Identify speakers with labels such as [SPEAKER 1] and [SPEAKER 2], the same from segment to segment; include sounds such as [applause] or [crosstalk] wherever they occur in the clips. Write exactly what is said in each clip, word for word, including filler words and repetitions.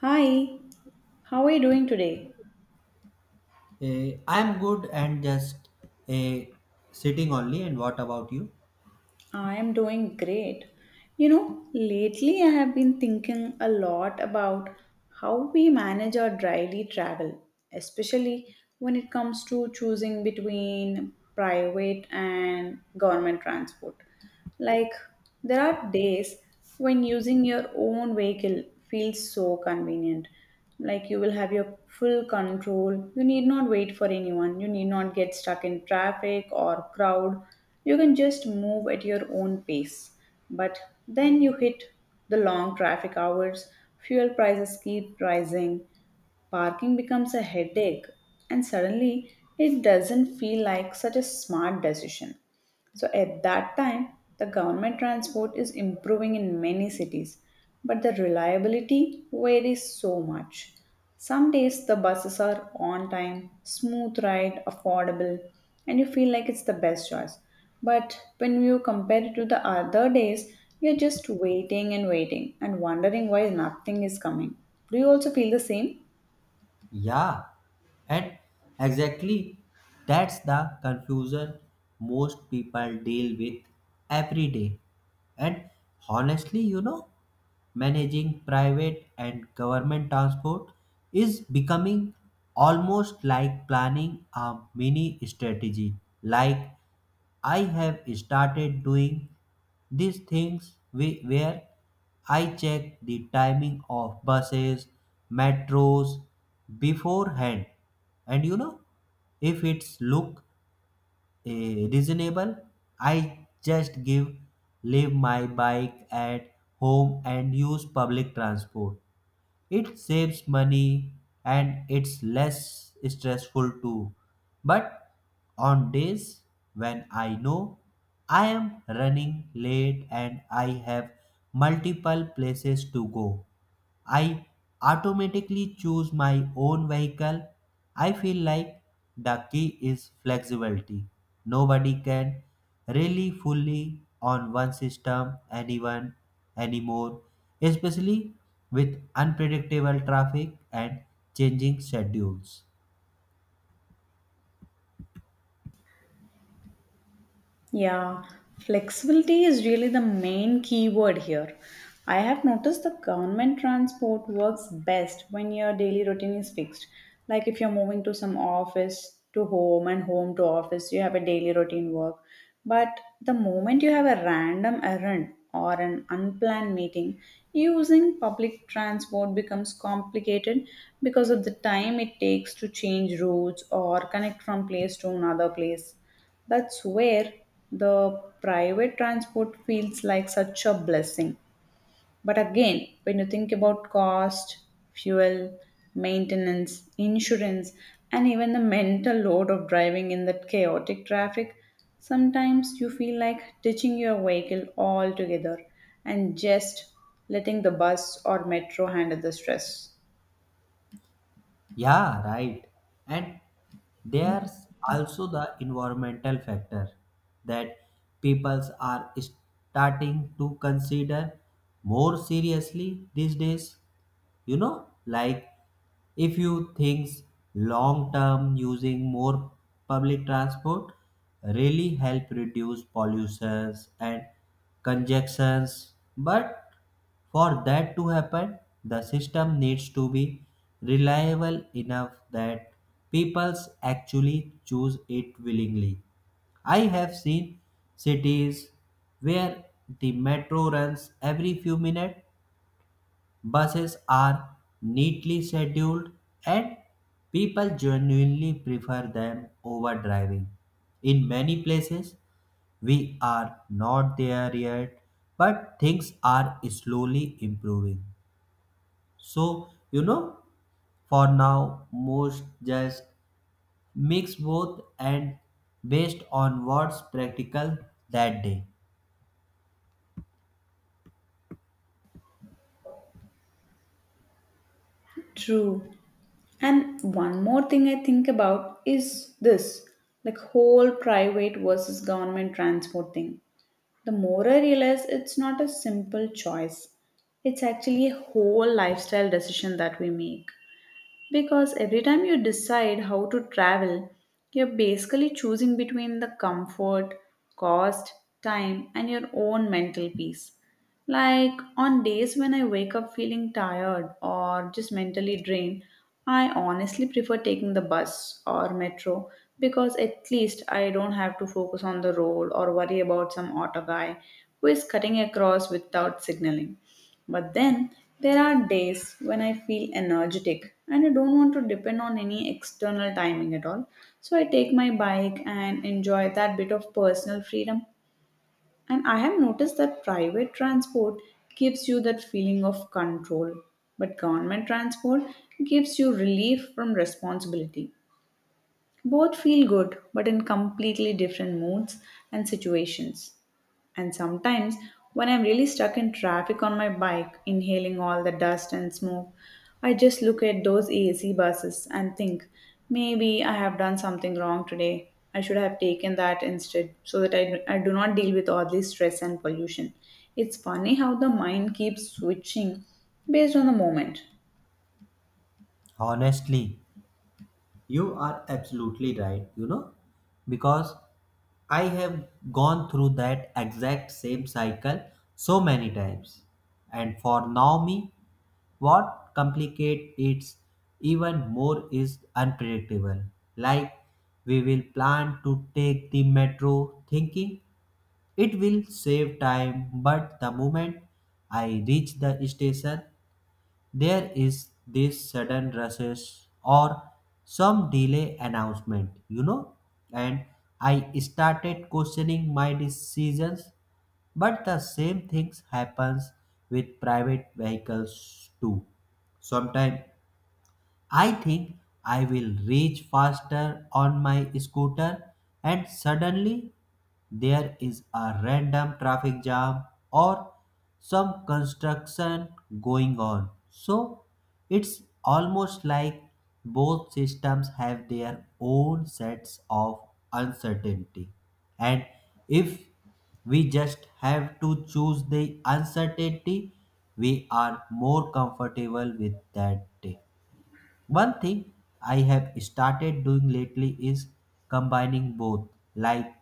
[SPEAKER 1] Hi, how are you doing today?
[SPEAKER 2] Eh, I'm good and just eh, sitting only. And what about you?
[SPEAKER 1] I am doing great. You know, lately I have been thinking a lot about how we manage our daily travel, especially when it comes to choosing between private and government transport. Like, there are days when using your own vehicle feels so convenient. Like, you will have your full control. You need not wait for anyone. You need not get stuck in traffic or crowd. You can just move at your own pace. But then you hit the long traffic hours, fuel prices keep rising, parking becomes a headache, and suddenly it doesn't feel like such a smart decision. So at that time, the government transport is improving in many cities, but the reliability varies so much. Some days the buses are on time, smooth ride, affordable, and you feel like it's the best choice. But when you compare it to the other days, you're just waiting and waiting and wondering why nothing is coming. Do you also feel the same?
[SPEAKER 2] Yeah, and exactly, that's the confusion most people deal with every day. And honestly, you know, managing private and government transport is becoming almost like planning a mini strategy. Like I have started doing these things whi- where I check the timing of buses, metros beforehand. And you know, if it's look eh, reasonable, I just give leave my bike at home and use public transport. It saves money and it's less stressful too. But on days when I know I am running late and I have multiple places to go, I automatically choose my own vehicle. I feel like the key is flexibility. Nobody can really fully on one system anyone anymore, especially with unpredictable traffic and changing schedules.
[SPEAKER 1] Yeah, flexibility is really the main keyword here. I have noticed the government transport works best when your daily routine is fixed. Like if you're moving to some office to home and home to office, you have a daily routine work. But the moment you have a random errand or an unplanned meeting, using public transport becomes complicated because of the time it takes to change routes or connect from place to another place. That's where the private transport feels like such a blessing. But again, when you think about cost, fuel, maintenance, insurance, and even the mental load of driving in that chaotic traffic, sometimes you feel like ditching your vehicle altogether and just letting the bus or metro handle the stress.
[SPEAKER 2] Yeah, right. And there's also the environmental factor that peoples are starting to consider more seriously these days, you know, like if you think long term, using more public transport really help reduce pollutions and congestions, but for that to happen, the system needs to be reliable enough that people actually choose it willingly. I have seen cities where the metro runs every few minutes, buses are neatly scheduled, and people genuinely prefer them over driving. In many places, we are not there yet, but things are slowly improving. So, you know, for now, most just mix both and based on what's practical that day.
[SPEAKER 1] True. And one more thing I think about is this like whole private versus government transport thing. The more I realize it's not a simple choice, it's actually a whole lifestyle decision that we make. Because every time you decide how to travel, you're basically choosing between the comfort, cost, time, and your own mental peace. Like on days when I wake up feeling tired or just mentally drained, I honestly prefer taking the bus or metro because at least I don't have to focus on the road or worry about some auto guy who is cutting across without signaling. But then there are days when I feel energetic and I don't want to depend on any external timing at all. So I take my bike and enjoy that bit of personal freedom. And I have noticed that private transport gives you that feeling of control, but government transport gives you relief from responsibility. Both feel good, but in completely different moods and situations. And sometimes, when I'm really stuck in traffic on my bike, inhaling all the dust and smoke, I just look at those A C buses and think, maybe I have done something wrong today. I should have taken that instead so that I, I do not deal with all this stress and pollution. It's funny how the mind keeps switching based on the moment.
[SPEAKER 2] Honestly, you are absolutely right, you know, because I have gone through that exact same cycle so many times. And for now me, what complicates it even more is unpredictable. Like we will plan to take the metro thinking it will save time, but the moment I reach the station, there is this sudden rushes or some delay announcement, you know, and I started questioning my decisions. But the same things happens with private vehicles too. Sometimes I think I will reach faster on my scooter, and suddenly there is a random traffic jam or some construction going on. So it's almost like both systems have their own sets of uncertainty. And if we just have to choose the uncertainty, we are more comfortable with that day. One thing I have started doing lately is combining both. Like,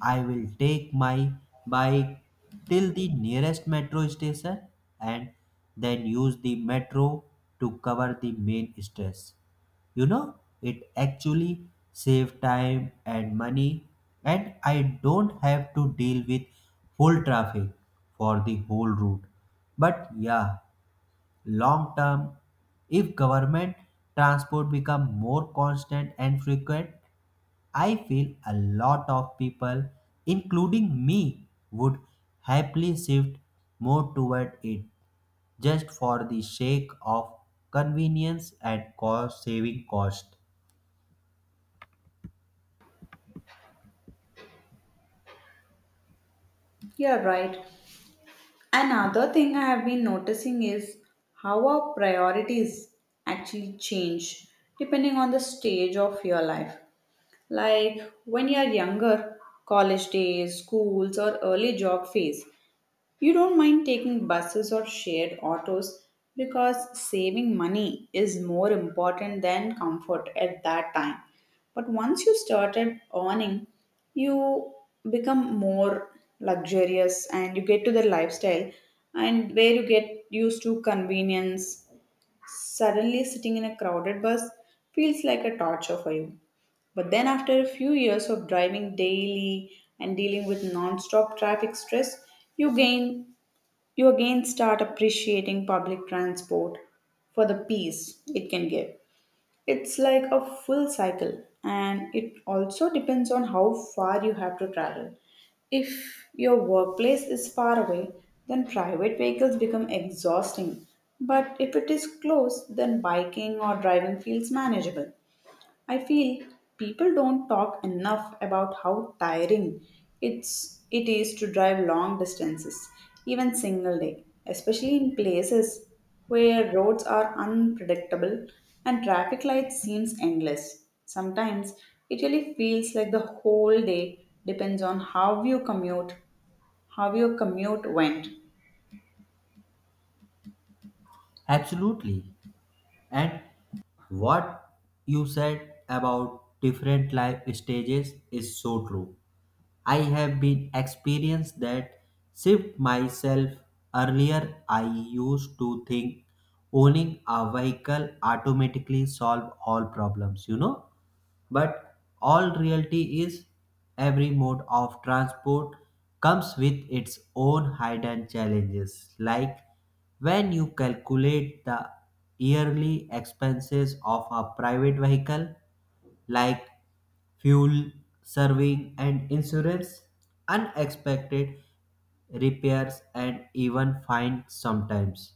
[SPEAKER 2] I will take my bike till the nearest metro station and then use the metro to cover the main stress. You know, it actually saves time and money, and I don't have to deal with full traffic for the whole route. But yeah, long term, if government transport become more constant and frequent, I feel a lot of people including me would happily shift more toward it just for the sake of convenience and cost saving cost.
[SPEAKER 1] You're right. Another thing I have been noticing is how our priorities actually change depending on the stage of your life. Like when you are younger, college days, schools, or early job phase, you don't mind taking buses or shared autos because saving money is more important than comfort at that time. But once you started earning, you become more luxurious and you get to the lifestyle and where you get used to convenience. Suddenly sitting in a crowded bus feels like a torture for you. But then after a few years of driving daily and dealing with non-stop traffic stress, you gain you again start appreciating public transport for the peace it can give. It's like a full cycle, and it also depends on how far you have to travel. If your workplace is far away, then private vehicles become exhausting. But if it is close, then biking or driving feels manageable. I feel people don't talk enough about how tiring it's it is to drive long distances, even single day, especially in places where roads are unpredictable and traffic lights seems endless. Sometimes it really feels like the whole day depends on how you commute, how your commute went.
[SPEAKER 2] Absolutely. And what you said about different life stages is so true. I have been experienced that shift myself. Earlier, I used to think owning a vehicle automatically solve all problems, you know. But all reality is every mode of transport comes with its own hidden challenges. Like when you calculate the yearly expenses of a private vehicle, like fuel, serving, and insurance, unexpected repairs, and even fines sometimes.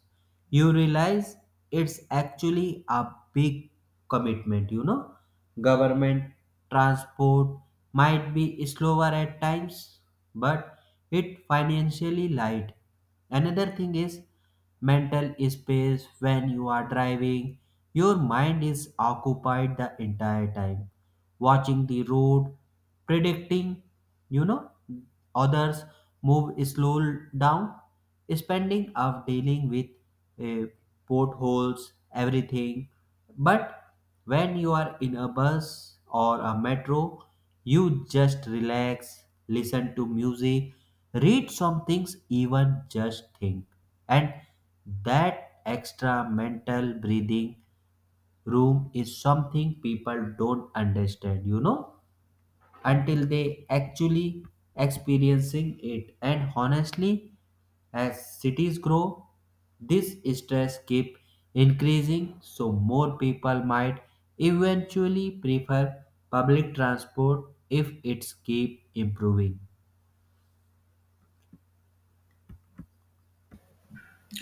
[SPEAKER 2] You realize it's actually a big commitment, you know. Government transport might be slower at times, but it financially light. Another thing is mental space. When you are driving, your mind is occupied the entire time, watching the road, predicting, you know, others move, slow down, spending of dealing with uh, potholes, everything. But when you're in a bus or a metro, you just relax, listen to music, read some things, even just think. And that extra mental breathing room is something people don't understand, you know, until they actually experiencing it. And honestly, as cities grow, this stress keep increasing, so more people might eventually prefer public transport if it's keep improving.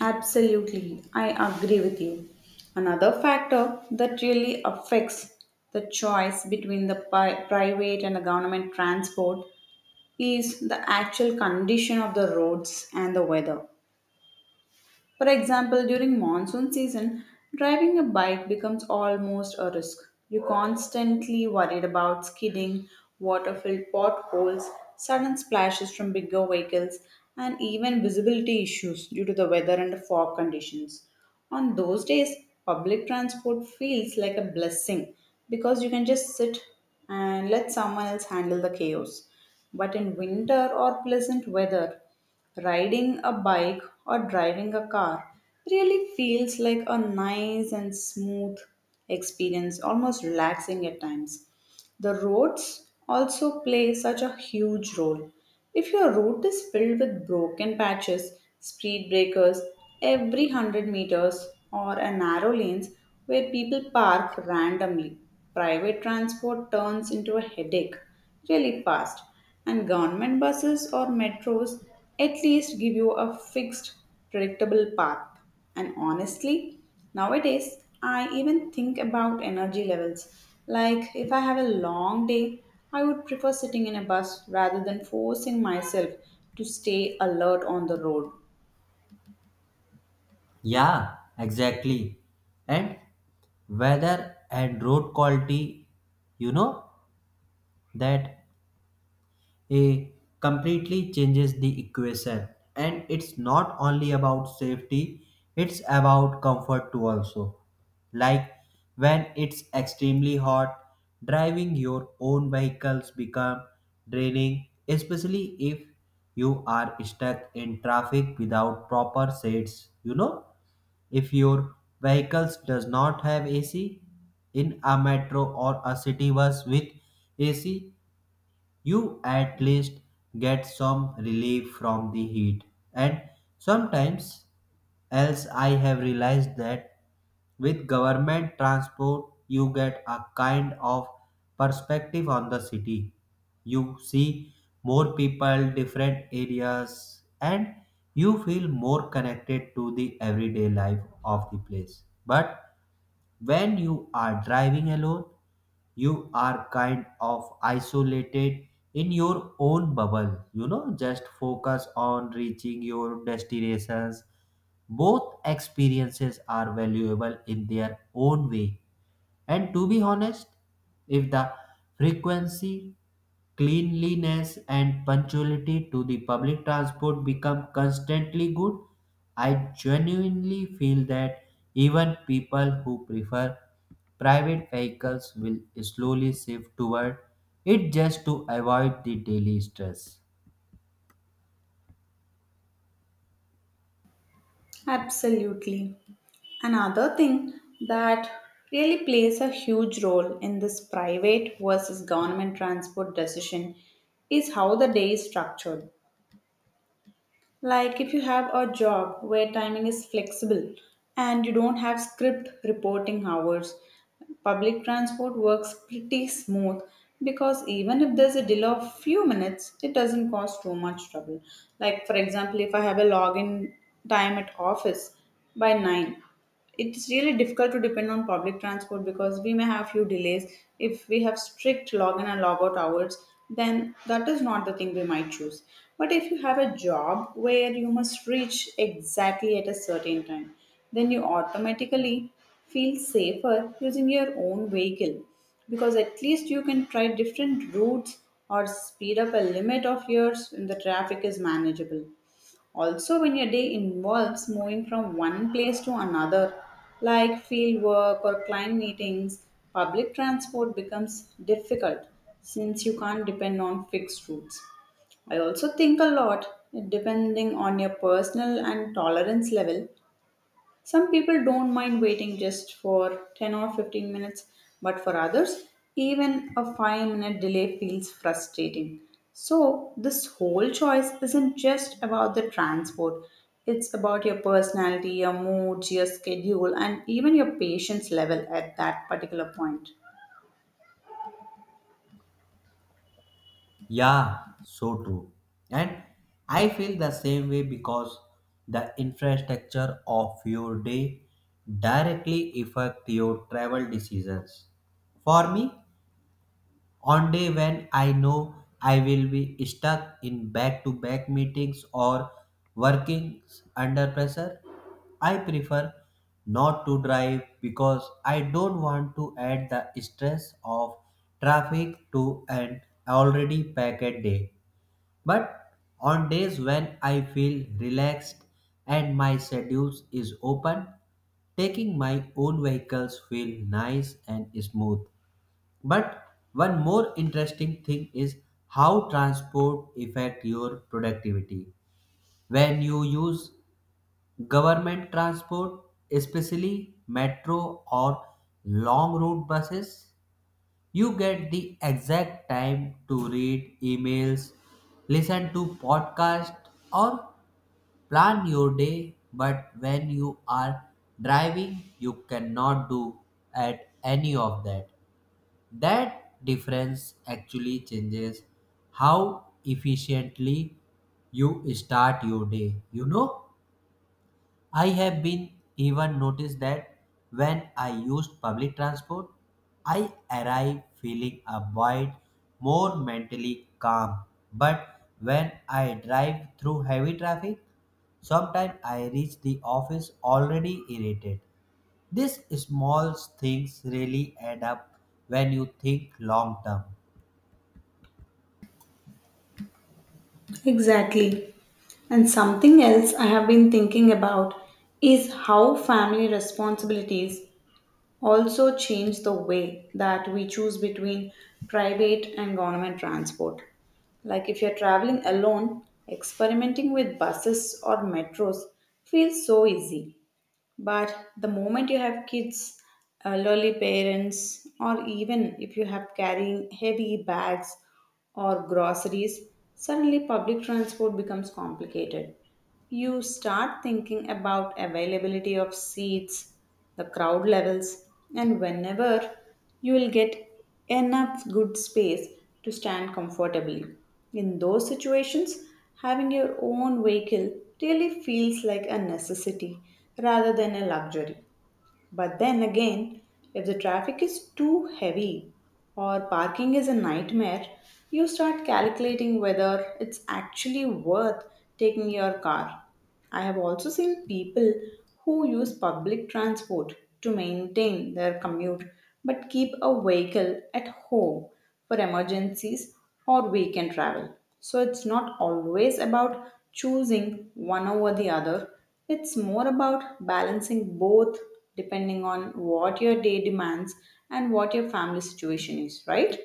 [SPEAKER 1] Absolutely, I agree with you. Another factor that really affects the choice between the pi- private and the government transport is the actual condition of the roads and the weather. For example, during monsoon season, driving a bike becomes almost a risk. You're constantly worried about skidding, water filled potholes, sudden splashes from bigger vehicles, and even visibility issues due to the weather and the fog conditions. On those days, public transport feels like a blessing because you can just sit and let someone else handle the chaos. But in winter or pleasant weather, riding a bike or driving a car really feels like a nice and smooth experience, almost relaxing at times. The roads also play such a huge role. If your route is filled with broken patches, speed breakers every one hundred meters, or a narrow lanes where people park randomly, private transport turns into a headache really fast. And government buses or metros at least give you a fixed, predictable path. And honestly, nowadays, I even think about energy levels. Like, if I have a long day, I would prefer sitting in a bus rather than forcing myself to stay alert on the road.
[SPEAKER 2] Yeah, exactly. And weather and road quality, you know, that it completely changes the equation. And it's not only about safety, it's about comfort too also. Like when it's extremely hot, driving your own vehicles become draining, especially if you are stuck in traffic without proper seats, you know. If your vehicles does not have A C, in a metro or a city bus with A C, you at least get some relief from the heat. And sometimes else, I have realized that with government transport you get a kind of perspective on the city. You see more people, different areas, and you feel more connected to the everyday life of the place. But when you are driving alone, you are kind of isolated in your own bubble. You know, just focus on reaching your destinations. Both experiences are valuable in their own way. And to be honest, if the frequency, cleanliness, and punctuality to the public transport become constantly good, I genuinely feel that even people who prefer private vehicles will slowly shift toward it just to avoid the daily stress.
[SPEAKER 1] Absolutely. Another thing that really plays a huge role in this private versus government transport decision is how the day is structured. Like if you have a job where timing is flexible and you don't have script reporting hours, public transport works pretty smooth because even if there's a delay of few minutes, it doesn't cause too much trouble. Like for example, if I have a login time at office by nine, it's really difficult to depend on public transport because we may have few delays. If we have strict login and logout hours, then that is not the thing we might choose. But if you have a job where you must reach exactly at a certain time, then you automatically feel safer using your own vehicle because at least you can try different routes or speed up a limit of yours when the traffic is manageable. Also, when your day involves moving from one place to another, like field work or client meetings, public transport becomes difficult since you can't depend on fixed routes. I also think a lot depending on your personal and tolerance level. Some people don't mind waiting just for ten or fifteen minutes, but for others, even a five minute delay feels frustrating. So, this whole choice isn't just about the transport, it's about your personality, your moods, your schedule, and even your patience level at that particular point.
[SPEAKER 2] Yeah, so true. And I feel the same way because the infrastructure of your day directly affect your travel decisions. For me, on day when I know I will be stuck in back-to-back meetings or working under pressure, I prefer not to drive because I don't want to add the stress of traffic to an already packed day. But on days when I feel relaxed and my schedule is open, taking my own vehicles feel nice and smooth. But one more interesting thing is how transport affect your productivity. When you use government transport, especially metro or long route buses, you get the exact time to read emails, listen to podcasts, or plan your day. But when you are driving, you cannot do at any of that. That difference actually changes how efficiently you start your day, you know? I have been even noticed that when I used public transport, I arrive feeling a bit more mentally calm. But when I drive through heavy traffic, sometimes I reach the office already irritated. These small things really add up when you think long term.
[SPEAKER 1] Exactly. And something else I have been thinking about is how family responsibilities also change the way that we choose between private and government transport. Like if you're traveling alone, experimenting with buses or metros feels so easy. But the moment you have kids, elderly parents, or even if you have carrying heavy bags or groceries, suddenly public transport becomes complicated. You start thinking about availability of seats, the crowd levels, and whenever you will get enough good space to stand comfortably. In those situations, having your own vehicle really feels like a necessity rather than a luxury. But then again, if the traffic is too heavy or parking is a nightmare, you start calculating whether it's actually worth taking your car. I have also seen people who use public transport to maintain their commute but keep a vehicle at home for emergencies or weekend travel. So it's not always about choosing one over the other, it's more about balancing both depending on what your day demands and what your family situation is, right?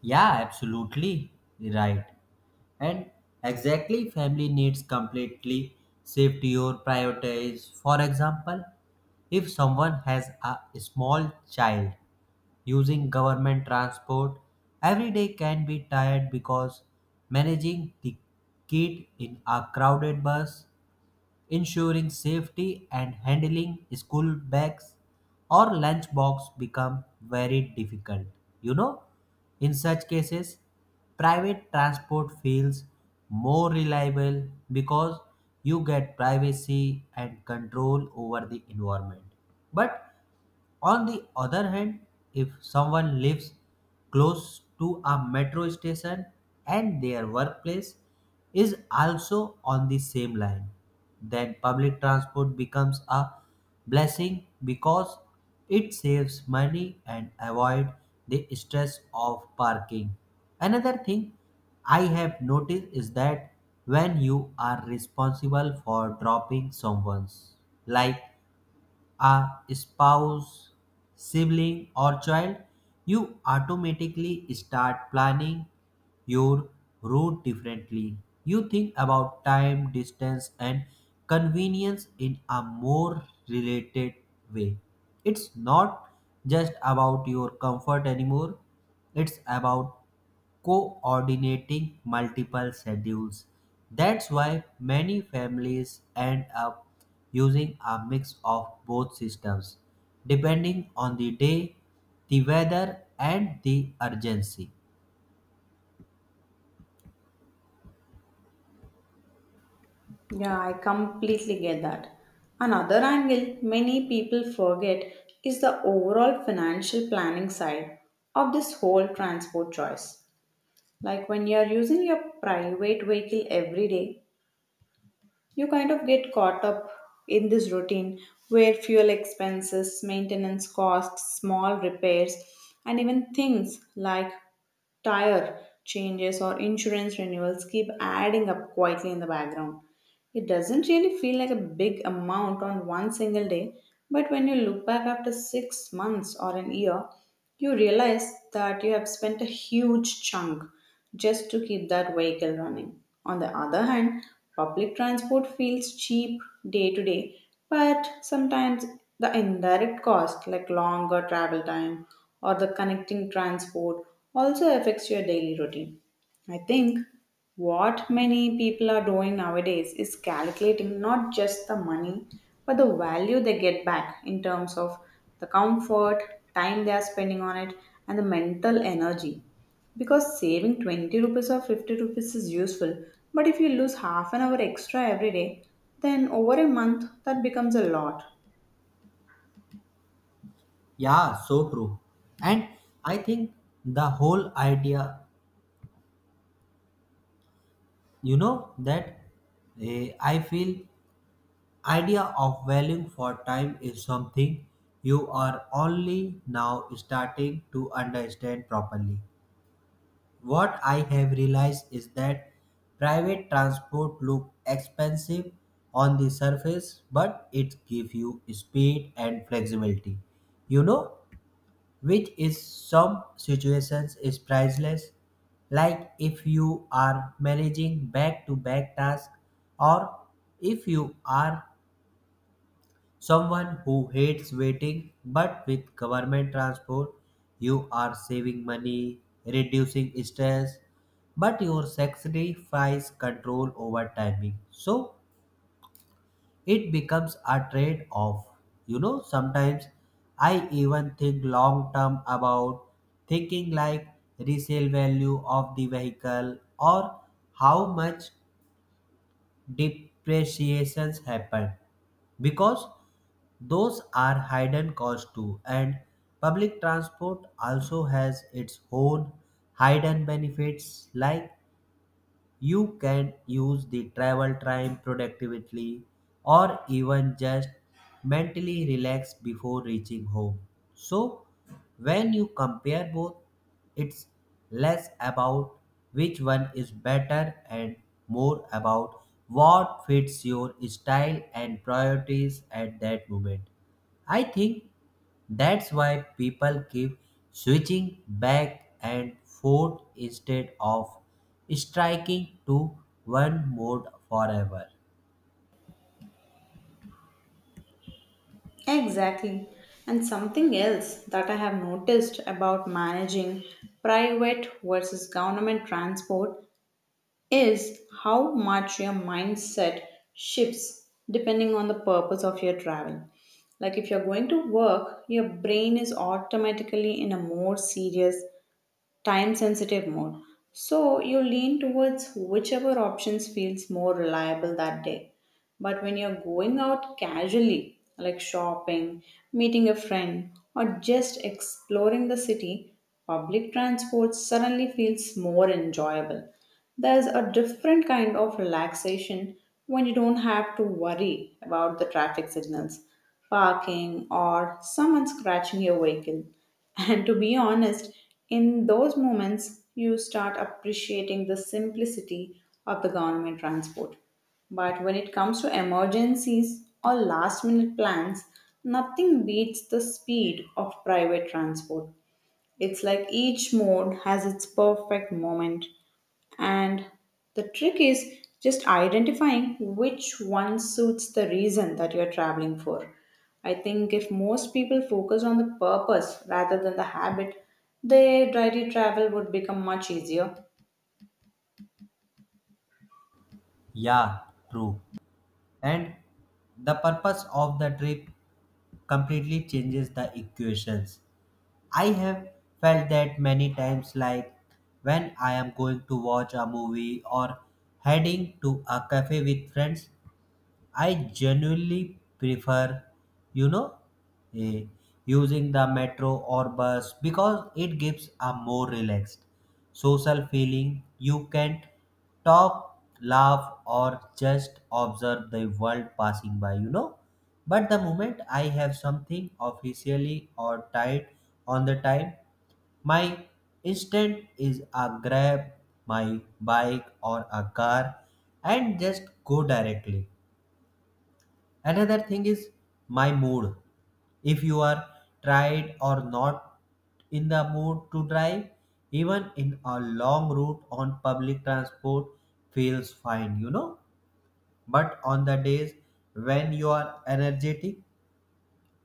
[SPEAKER 2] Yeah, absolutely right. And exactly, family needs completely shift your priorities. For example, if someone has a small child, using government transport every day can be tired because managing the kid in a crowded bus, ensuring safety, and handling school bags or lunchbox become very difficult. You know, in such cases, private transport feels more reliable because you get privacy and control over the environment. But on the other hand, if someone lives close to a metro station and their workplace is also on the same line, then public transport becomes a blessing because it saves money and avoid the stress of parking. Another thing I have noticed is that when you are responsible for dropping someone's, like a spouse, sibling, or child, you automatically start planning your route differently. You think about time, distance, and convenience in a more related way. It's not just about your comfort anymore, it's about coordinating multiple schedules. That's why many families end up using a mix of both systems, depending on the day, the weather, and the urgency.
[SPEAKER 1] Yeah, I completely get that. Another angle many people forget is the overall financial planning side of this whole transport choice. Like when you are using your private vehicle every day, you kind of get caught up in this routine where fuel expenses, maintenance costs, small repairs, and even things like tire changes or insurance renewals keep adding up quietly in the background. It doesn't really feel like a big amount on one single day, but when you look back after six months or an year, you realize that you have spent a huge chunk just to keep that vehicle running. On the other hand, public transport feels cheap day to day, but sometimes the indirect cost, like longer travel time or the connecting transport, also affects your daily routine. I think what many people are doing nowadays is calculating not just the money, but the value they get back in terms of the comfort, time they are spending on it, and the mental energy. Because saving twenty rupees or fifty rupees is useful, but if you lose half an hour extra every day, then over a month that becomes a lot.
[SPEAKER 2] Yeah, so true. And I think the whole idea, you know, that eh, I feel idea of valuing for time is something you are only now starting to understand properly. What I have realized is that private transport look expensive on the surface, but it gives you speed and flexibility. You know, which is some situations is priceless. Like if you are managing back-to-back tasks, or if you are someone who hates waiting. But with government transport, you are saving money, reducing stress, but your sacrifice control over timing. So it becomes a trade off. You know, sometimes I even think long term about thinking like resale value of the vehicle or how much depreciations happen, because those are hidden costs too. And public transport also has its own hidden benefits, like you can use the travel time productively or even just mentally relax before reaching home. So, when you compare both, it's less about which one is better and more about what fits your style and priorities at that moment. I think that's why people keep switching back and forth instead of striking to one mode forever.
[SPEAKER 1] Exactly. And something else that I have noticed about managing private versus government transport is how much your mindset shifts depending on the purpose of your travel. Like if you're going to work, your brain is automatically in a more serious time sensitive mode. So you lean towards whichever options feels more reliable that day. But when you're going out casually, like shopping, meeting a friend, or just exploring the city, public transport suddenly feels more enjoyable. There's a different kind of relaxation when you don't have to worry about the traffic signals, parking, or someone scratching your vehicle. [laughs] And to be honest, in those moments, you start appreciating the simplicity of the government transport. But when it comes to emergencies or last minute plans, nothing beats the speed of private transport. It's like each mode has its perfect moment, and the trick is just identifying which one suits the reason that you're traveling for. I think if most people focus on the purpose rather than the habit, their daily travel would become much easier.
[SPEAKER 2] Yeah, true. And the purpose of the trip completely changes the equations. I have felt that many times, like when I am going to watch a movie or heading to a cafe with friends, I genuinely prefer, you know, eh, using the metro or bus because it gives a more relaxed social feeling. You can talk, laugh, or just observe the world passing by, you know. But the moment I have something officially or tied on the time, my instant is a grab my bike or a car and just go directly. Another thing is my mood. If you are tired or not in the mood to drive, even in a long route on public transport feels fine, you know. But on the days when you are energetic,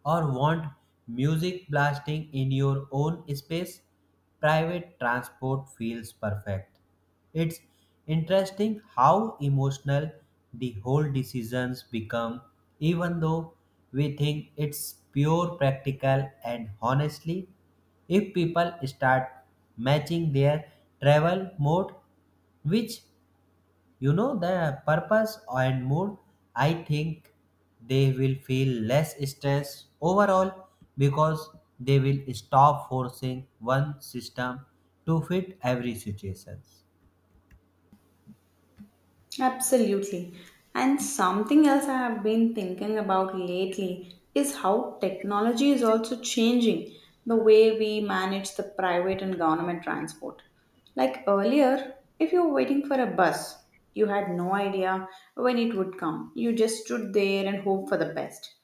[SPEAKER 2] or want music blasting in your own space, private transport feels perfect. It's interesting how emotional the whole decisions become, even though we think it's pure practical. And honestly, if people start matching their travel mode, which you know the purpose and mood, I think they will feel less stress overall because they will stop forcing one system to fit every situation.
[SPEAKER 1] Absolutely. And something else I have been thinking about lately is how technology is also changing the way we manage the private and government transport. Like earlier, if you were waiting for a bus, you had no idea when it would come. You just stood there and hoped for the best.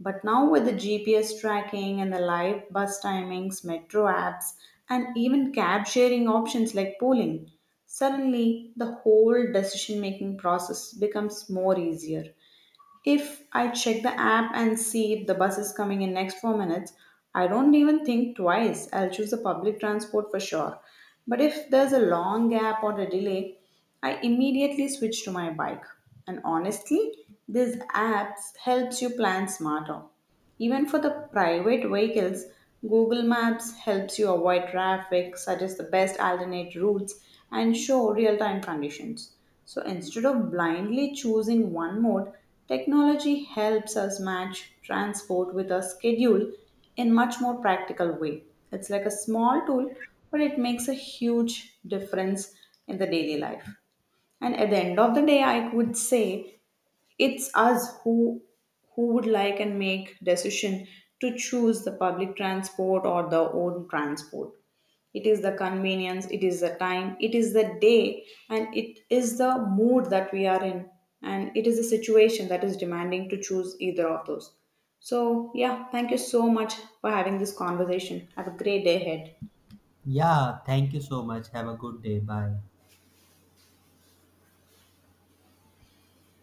[SPEAKER 1] But now, with the G P S tracking and the live bus timings, metro apps, and even cab sharing options like pooling, suddenly, the whole decision making process becomes more easier. If I check the app and see if the bus is coming in next four minutes, I don't even think twice. I'll choose the public transport for sure. But if there's a long gap or a delay, I immediately switch to my bike. And honestly, these apps helps you plan smarter. Even for the private vehicles, Google Maps helps you avoid traffic, suggest the best alternate routes, and show real time conditions. So instead of blindly choosing one mode, technology helps us match transport with a schedule in much more practical way. It's like a small tool, but it makes a huge difference in the daily life. And at the end of the day, I would say it's us who who would like and make decision to choose the public transport or the own transport. It is the convenience, it is the time, it is the day, and it is the mood that we are in, and it is the situation that is demanding to choose either of those. So, yeah, thank you so much for having this conversation. Have a great day ahead.
[SPEAKER 2] Yeah, thank you so much. Have a good day. Bye.